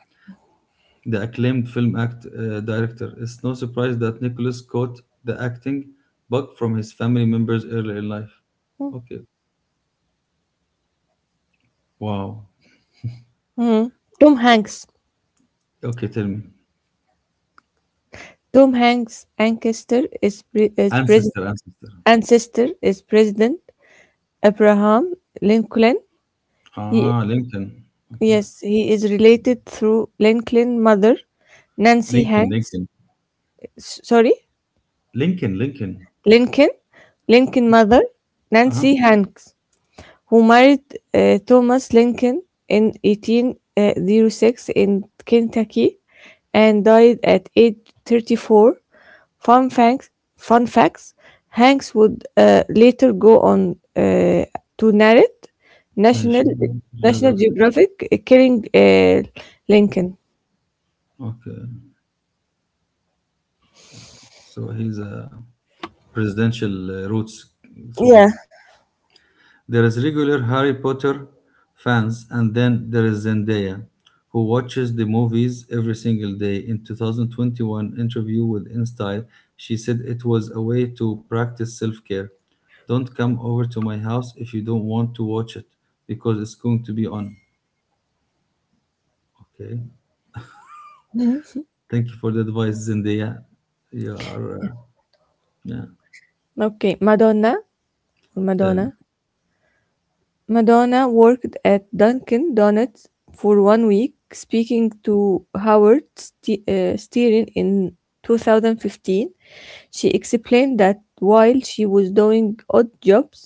S1: the acclaimed film act uh, director. It's no surprise that Nicholas caught the acting bug from his family members early in life. Okay. Wow.
S2: Mhm. Tom Hanks.
S1: Okay, tell me.
S2: Tom Hanks' ancestor is pre- is pres-
S1: Ancestor, ancestor.
S2: ancestor is President Abraham Lincoln. He
S1: Ah, Lincoln. Okay.
S2: yes, he is related through Lincoln mother Nancy
S1: Lincoln,
S2: Hanks.
S1: Lincoln.
S2: S- Sorry,
S1: Lincoln, Lincoln.
S2: Lincoln Lincoln mother
S1: Uh-huh.
S2: Nancy Hanks, who married uh, Thomas Lincoln in eighteen oh six in Kentucky and died at age thirty-four. Fun facts, fun facts Hanks would uh, later go on uh, to narrate National,
S1: Nation,
S2: National
S1: geography.
S2: Geographic uh, Killing uh, Lincoln.
S1: Okay. So he's a presidential uh, roots through
S2: Yeah.
S1: him. There is regular Harry Potter fans and then there is Zendaya, who watches the movies every single day. In two thousand twenty-one interview with InStyle, she said it was a way to practice self-care. Don't come over to my house if you don't want to watch it because it's going to be on. Okay.
S2: Mhm.
S1: Thank you for the advice, Zendaya. You are, uh, yeah,
S2: Okay, Madonna,
S1: tell me.
S2: Madonna Madonna worked at Dunkin' Donuts for one week, speaking to Howard Ste- uh, Stern in twenty fifteen. She explained that while she was doing odd jobs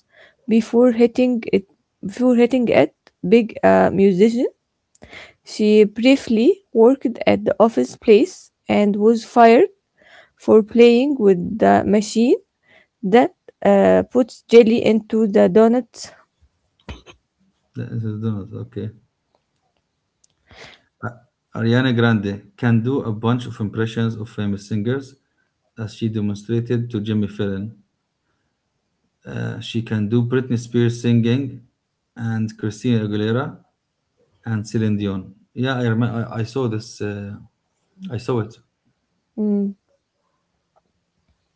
S2: before hitting it, before hitting it big uh, musician, she briefly worked at the office place and was fired for playing with the machine that uh, puts jelly into the donuts.
S1: That is- no, okay. A- Ariana Grande can do a bunch of impressions of famous singers, as she demonstrated to Jimmy Fallon. Uh, she can do Britney Spears singing, and Christina Aguilera, and Celine Dion. Yeah, I remember. I, I saw this. Uh, I saw it.
S2: Mm,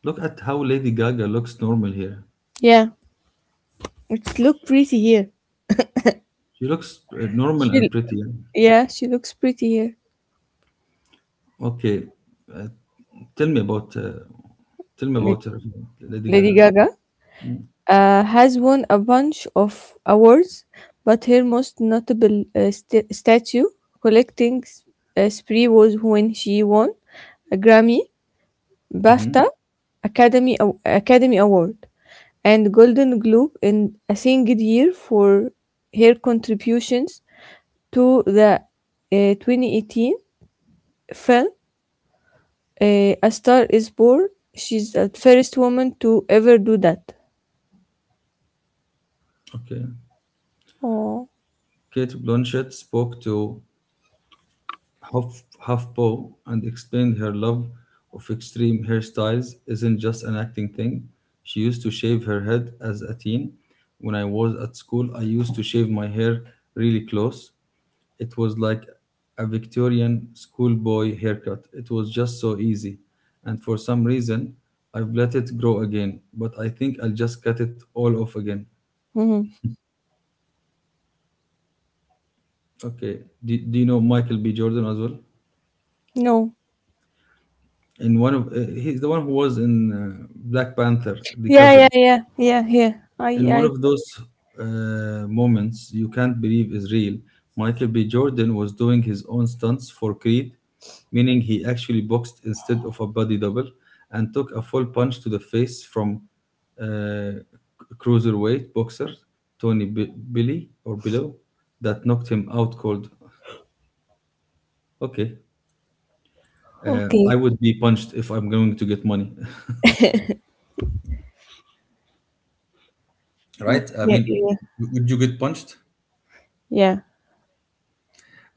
S1: Look at how Lady Gaga looks normal here.
S2: yeah. It's look pretty here.
S1: She looks uh, normal
S2: She,
S1: and pretty.
S2: yeah, she looks pretty here.
S1: Okay, uh, tell me about uh, tell me
S2: La-
S1: about her, Lady
S2: Lady
S1: Gaga.
S2: Gaga uh, has won a bunch of awards, but her most notable uh, sta- statue collecting s- uh, spree was when she won a Grammy,
S1: Hmm.
S2: BAFTA, Academy Aw- Academy Award, and Golden Globe in a single year for her contributions to the uh, twenty eighteen film Eh, a Star is Born. She's the first woman to ever do that.
S1: Okay.
S2: Oh,
S1: Kate Blanchett spoke to Huff, HuffPo and explained her love of extreme hairstyles isn't just an acting thing. She used to shave her head as a teen. When I was at school, I used to shave my hair really close. It was like a Victorian schoolboy haircut. It was just so easy. And for some reason, I've let it grow again, but I think I'll just cut it all off again.
S2: mhm.
S1: Okay. Do, do you know Michael B. Jordan as well?
S2: No.
S1: In one of uh, he's the one who was in uh, Black Panther, the
S2: Yeah, yeah,
S1: cousin.
S2: yeah, yeah, yeah. I,
S1: In one
S2: I.
S1: of those uh, moments, you can't believe is real. Michael B. Jordan was doing his own stunts for Creed, meaning he actually boxed instead of a body double, and took a full punch to the face from uh, cruiserweight boxer Tony B- Billy or Below that knocked him out cold. Okay, uh,
S2: Okay,
S1: I would be punched if I'm going to get money.
S2: okay,
S1: Right? I mean,
S2: yeah,
S1: w- would you get punched?
S2: yeah.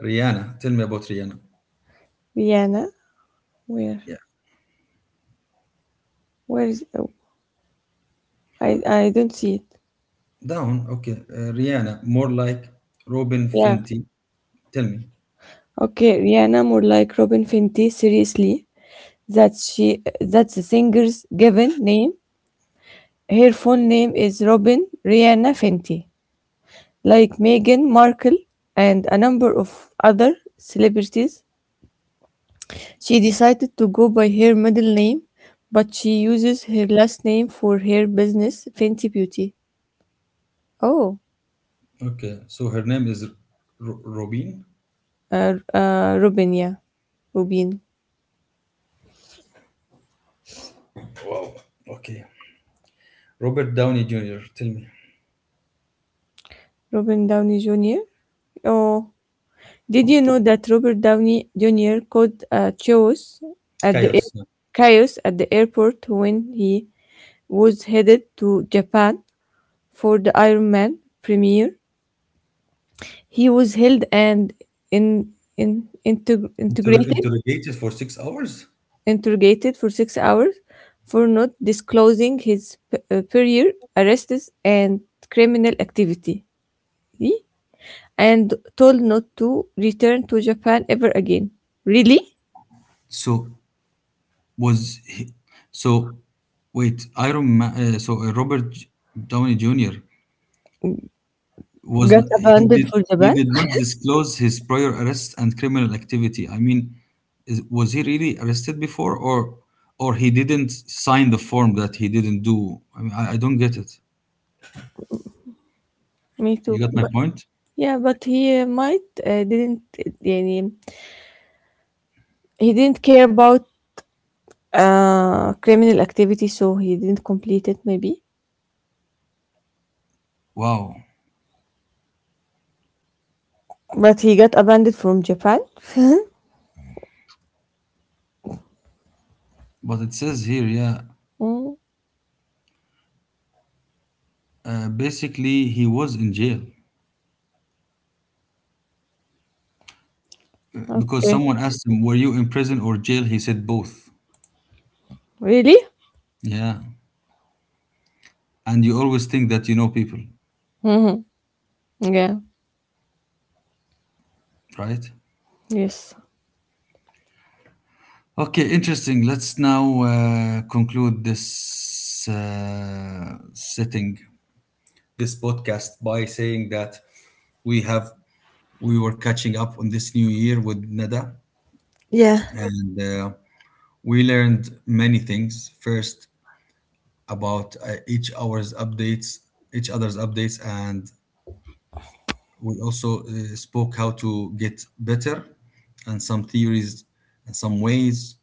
S1: Rihanna, tell me about Rihanna.
S2: Rihanna, where,
S1: Yeah,
S2: where is? Oh, I, I don't see it.
S1: down. Okay, uh, Rihanna, more like Robin
S2: Yeah.
S1: Fenty. Tell me.
S2: Okay, Rihanna, more like Robin Fenty. Seriously, that's she. That's the singer's given name. Her full name is Robin Rihanna Fenty. Like Meghan Markle and a number of other celebrities, she decided to go by her middle name, but she uses her last name for her business, Fenty Beauty. Oh,
S1: Okay, so her name is R- Robin.
S2: uh, uh, Robin, yeah. Robin.
S1: Wow. Okay, Robert Downey Junior Tell me.
S2: Robin Downey Junior Oh, did you know that Robert Downey Junior called uh, chaos at the
S1: Chaos,
S2: air-
S1: huh?
S2: chaos at the airport when he was headed to Japan for the Iron Man premiere? He was held and in, in, integ-
S1: Inter-
S2: integrated,
S1: interrogated for six hours.
S2: interrogated for six hours for not disclosing his p- uh, prior arrests and criminal activity, eh? And told not to return to Japan ever again. Really?
S1: So was he, so. Wait, Iron Man. Uh, so uh, Robert J- Downey Junior was
S2: Got
S1: he
S2: abandoned
S1: did
S2: for
S1: he
S2: Japan?
S1: did not disclose his prior arrests and criminal activity. I mean, is, was he really arrested before, or or he didn't sign the form that he didn't do? I mean, I, I don't get it.
S2: Me too.
S1: You got my
S2: But,
S1: point?
S2: yeah, but he uh, might uh, didn't يعني, he didn't care about uh, criminal activity, so he didn't complete it maybe.
S1: Wow.
S2: But he got abandoned from Japan?
S1: But it says here, yeah,
S2: Mm,
S1: uh, basically he was in jail. Uh, because
S2: okay.
S1: someone asked him, "Were you in prison or jail?" He said both.
S2: Really?
S1: Yeah, and you always think that you know people,
S2: Hmm. Yeah.
S1: right?
S2: Yes.
S1: Okay, interesting. Let's now uh, conclude this uh, setting, this podcast, by saying that we have we were catching up on this new year with Nada,
S2: Yeah.
S1: and uh, we learned many things. First, about uh, each hour's updates, each other's updates, and we also uh, spoke how to get better and some theories and some ways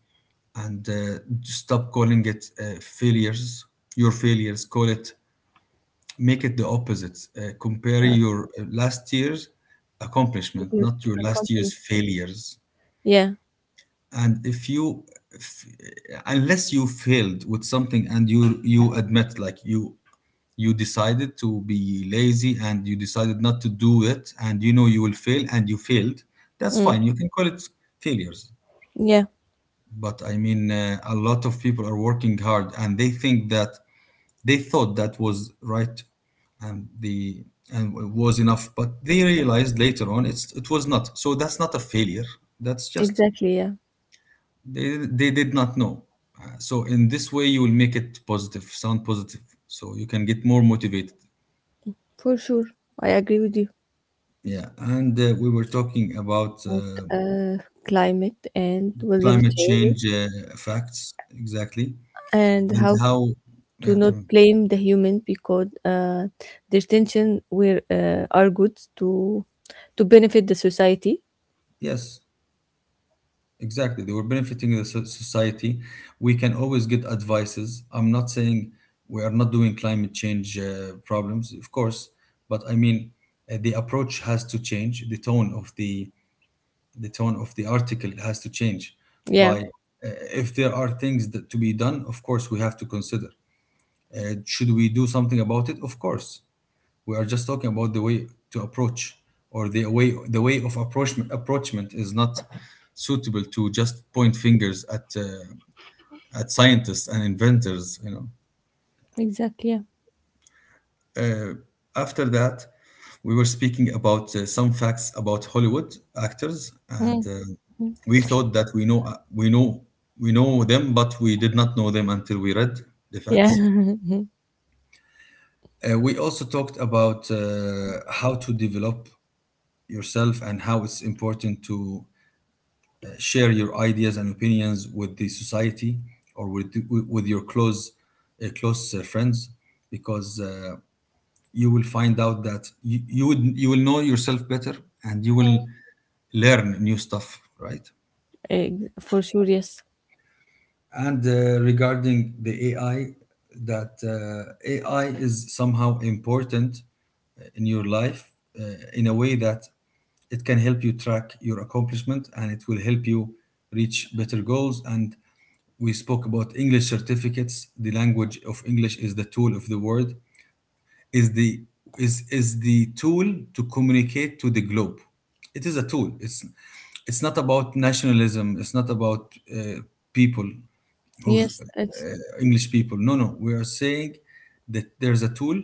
S1: and uh, stop calling it uh, failures, your failures, call it, make it the opposite. Uh, compare
S2: Yeah.
S1: your uh, last year's accomplishment,
S2: Okay.
S1: not your
S2: I
S1: last
S2: continue.
S1: year's failures.
S2: Yeah.
S1: And if you if, unless you failed with something and you you admit, like, you you decided to be lazy and you decided not to do it and you know you will fail and you failed, that's
S2: Mm.
S1: fine, you can call it failures.
S2: Yeah.
S1: But I mean, uh, a lot of people are working hard and they think that they thought that was right and the and it was enough, but they realized later on it's it was not, so that's not a failure, that's just
S2: Exactly. Yeah.
S1: they they did not know. Uh, so in this way you will make it positive, sound positive, so you can get more motivated.
S2: For sure. I agree with you
S1: Yeah, and uh, we were talking about
S2: about
S1: uh,
S2: uh, climate and weather
S1: climate
S2: changes
S1: change uh, effects, exactly,
S2: and
S1: and
S2: how
S1: how,
S2: to
S1: yeah,
S2: not
S1: to,
S2: blame the human because uh, their tension were uh, are good to to benefit the society.
S1: yes, exactly. They were benefiting the so- society. We can always get advices. I'm not saying we are not doing climate change uh, problems, of course, but I mean uh, the approach has to change. The tone of the the tone of the article has to change.
S2: Yeah.
S1: By uh, if there are things that to be done, of course we have to consider. Uh, should we do something about it? Of course. We are just talking about the way to approach or the way the way of approachment approachment is not suitable to just point fingers at uh, at scientists and inventors, you know.
S2: Exactly. Yeah.
S1: Uh, After that, we were speaking about uh, some facts about Hollywood actors and
S2: Mm.
S1: uh, we thought that we know uh, we know we know them, but we did not know them until we read the
S2: Yeah.
S1: facts. Uh, we also talked about uh, how to develop yourself and how it's important to uh, share your ideas and opinions with the society or with with your close uh, close uh, friends, because uh, you will find out that you, you would you will know yourself better and you will learn new stuff, right?
S2: Ex- for sure, yes.
S1: And uh, regarding the A I, that uh, A I is somehow important in your life, uh, in a way that it can help you track your accomplishment and it will help you reach better goals. And we spoke about english certificates. The language of english is the tool of the world, is the is is the tool to communicate to the globe. It is a tool, it's it's not about nationalism, it's not about uh, people who's
S2: Yes, it's
S1: uh, english people, no no, we are saying that there's a tool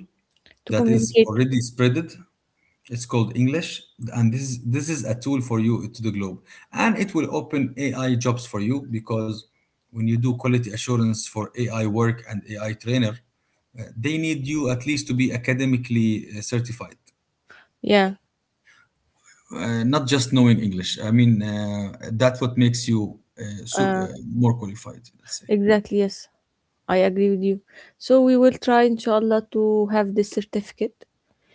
S2: to
S1: that is
S2: communicate,
S1: already spreaded, it's called English, and this is this is a tool for you to the globe, and it will open A I jobs for you, because when you do quality assurance for A I work and A I trainer, uh, they need you at least to be academically uh, certified,
S2: yeah,
S1: uh, not just knowing English. I mean, uh, that's what makes you uh, so,
S2: uh,
S1: uh, more qualified, let's say.
S2: exactly, yes. I agree with you, so we will try inshallah to have this certificate.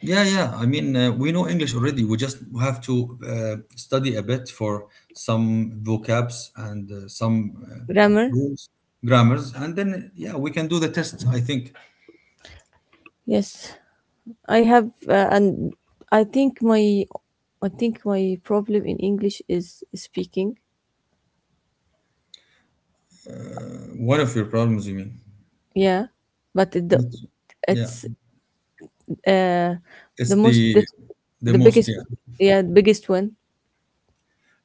S1: Yeah, yeah. I mean, uh, we know English already. We just have to uh, study a bit for some vocabs and uh, some uh,
S2: Grammar,
S1: rules, grammars, and then yeah, we can do the test, I think.
S2: yes. I have uh, and I think my I think my problem in English is speaking,
S1: One of your problems, you mean?
S2: yeah, but it, the-
S1: It's— yeah,
S2: it's uh the
S1: it's
S2: most
S1: the
S2: dif-
S1: the
S2: the
S1: most.
S2: biggest,
S1: Yeah,
S2: yeah, the biggest one,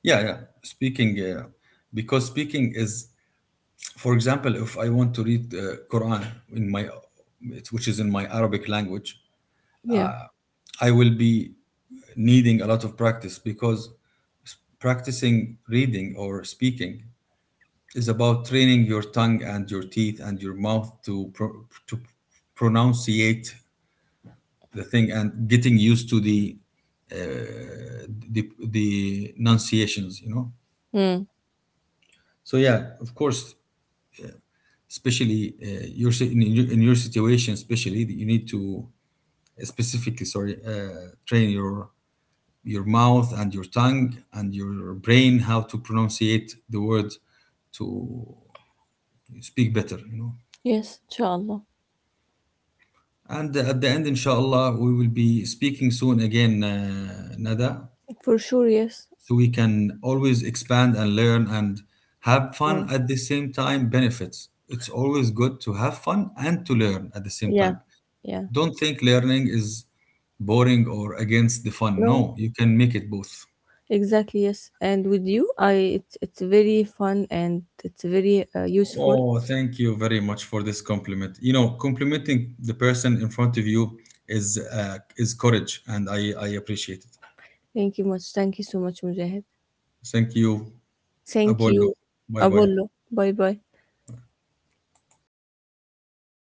S1: yeah, yeah. Speaking, uh, because speaking is, for example, if I want to read uh, Quran in my, which is in my Arabic language,
S2: yeah.
S1: I will be needing a lot of practice, because practicing reading or speaking is about training your tongue and your teeth and your mouth to pro- to pronunciate the thing and getting used to the uh, the the enunciations, you know.
S2: Mm.
S1: So yeah, of course, especially uh, your si- in, your in your situation, especially you need to uh, specifically, sorry, uh, train your your mouth and your tongue and your brain how to pronunciate the word to speak better, you know.
S2: Yes, inshallah,
S1: And at the end, inshallah, we will be speaking soon again, uh, Nada,
S2: for sure, yes.
S1: so we can always expand and learn and have fun at the same time. Benefits. It's always good to have fun and to learn at the same
S2: Yeah,
S1: time.
S2: yeah.
S1: Don't think learning is boring or against the fun.
S2: No,
S1: No, you can make it both.
S2: exactly. Yes, and with you, I it's it's very fun and it's very uh, useful.
S1: Oh, thank you very much for this compliment. You know, complimenting the person in front of you is uh, is courage, and I I appreciate it.
S2: Thank you much. Thank you so much, Mujahid.
S1: Thank you.
S2: Thank
S1: Apolo,
S2: you,
S1: bye bye.
S2: Apollo. Bye bye.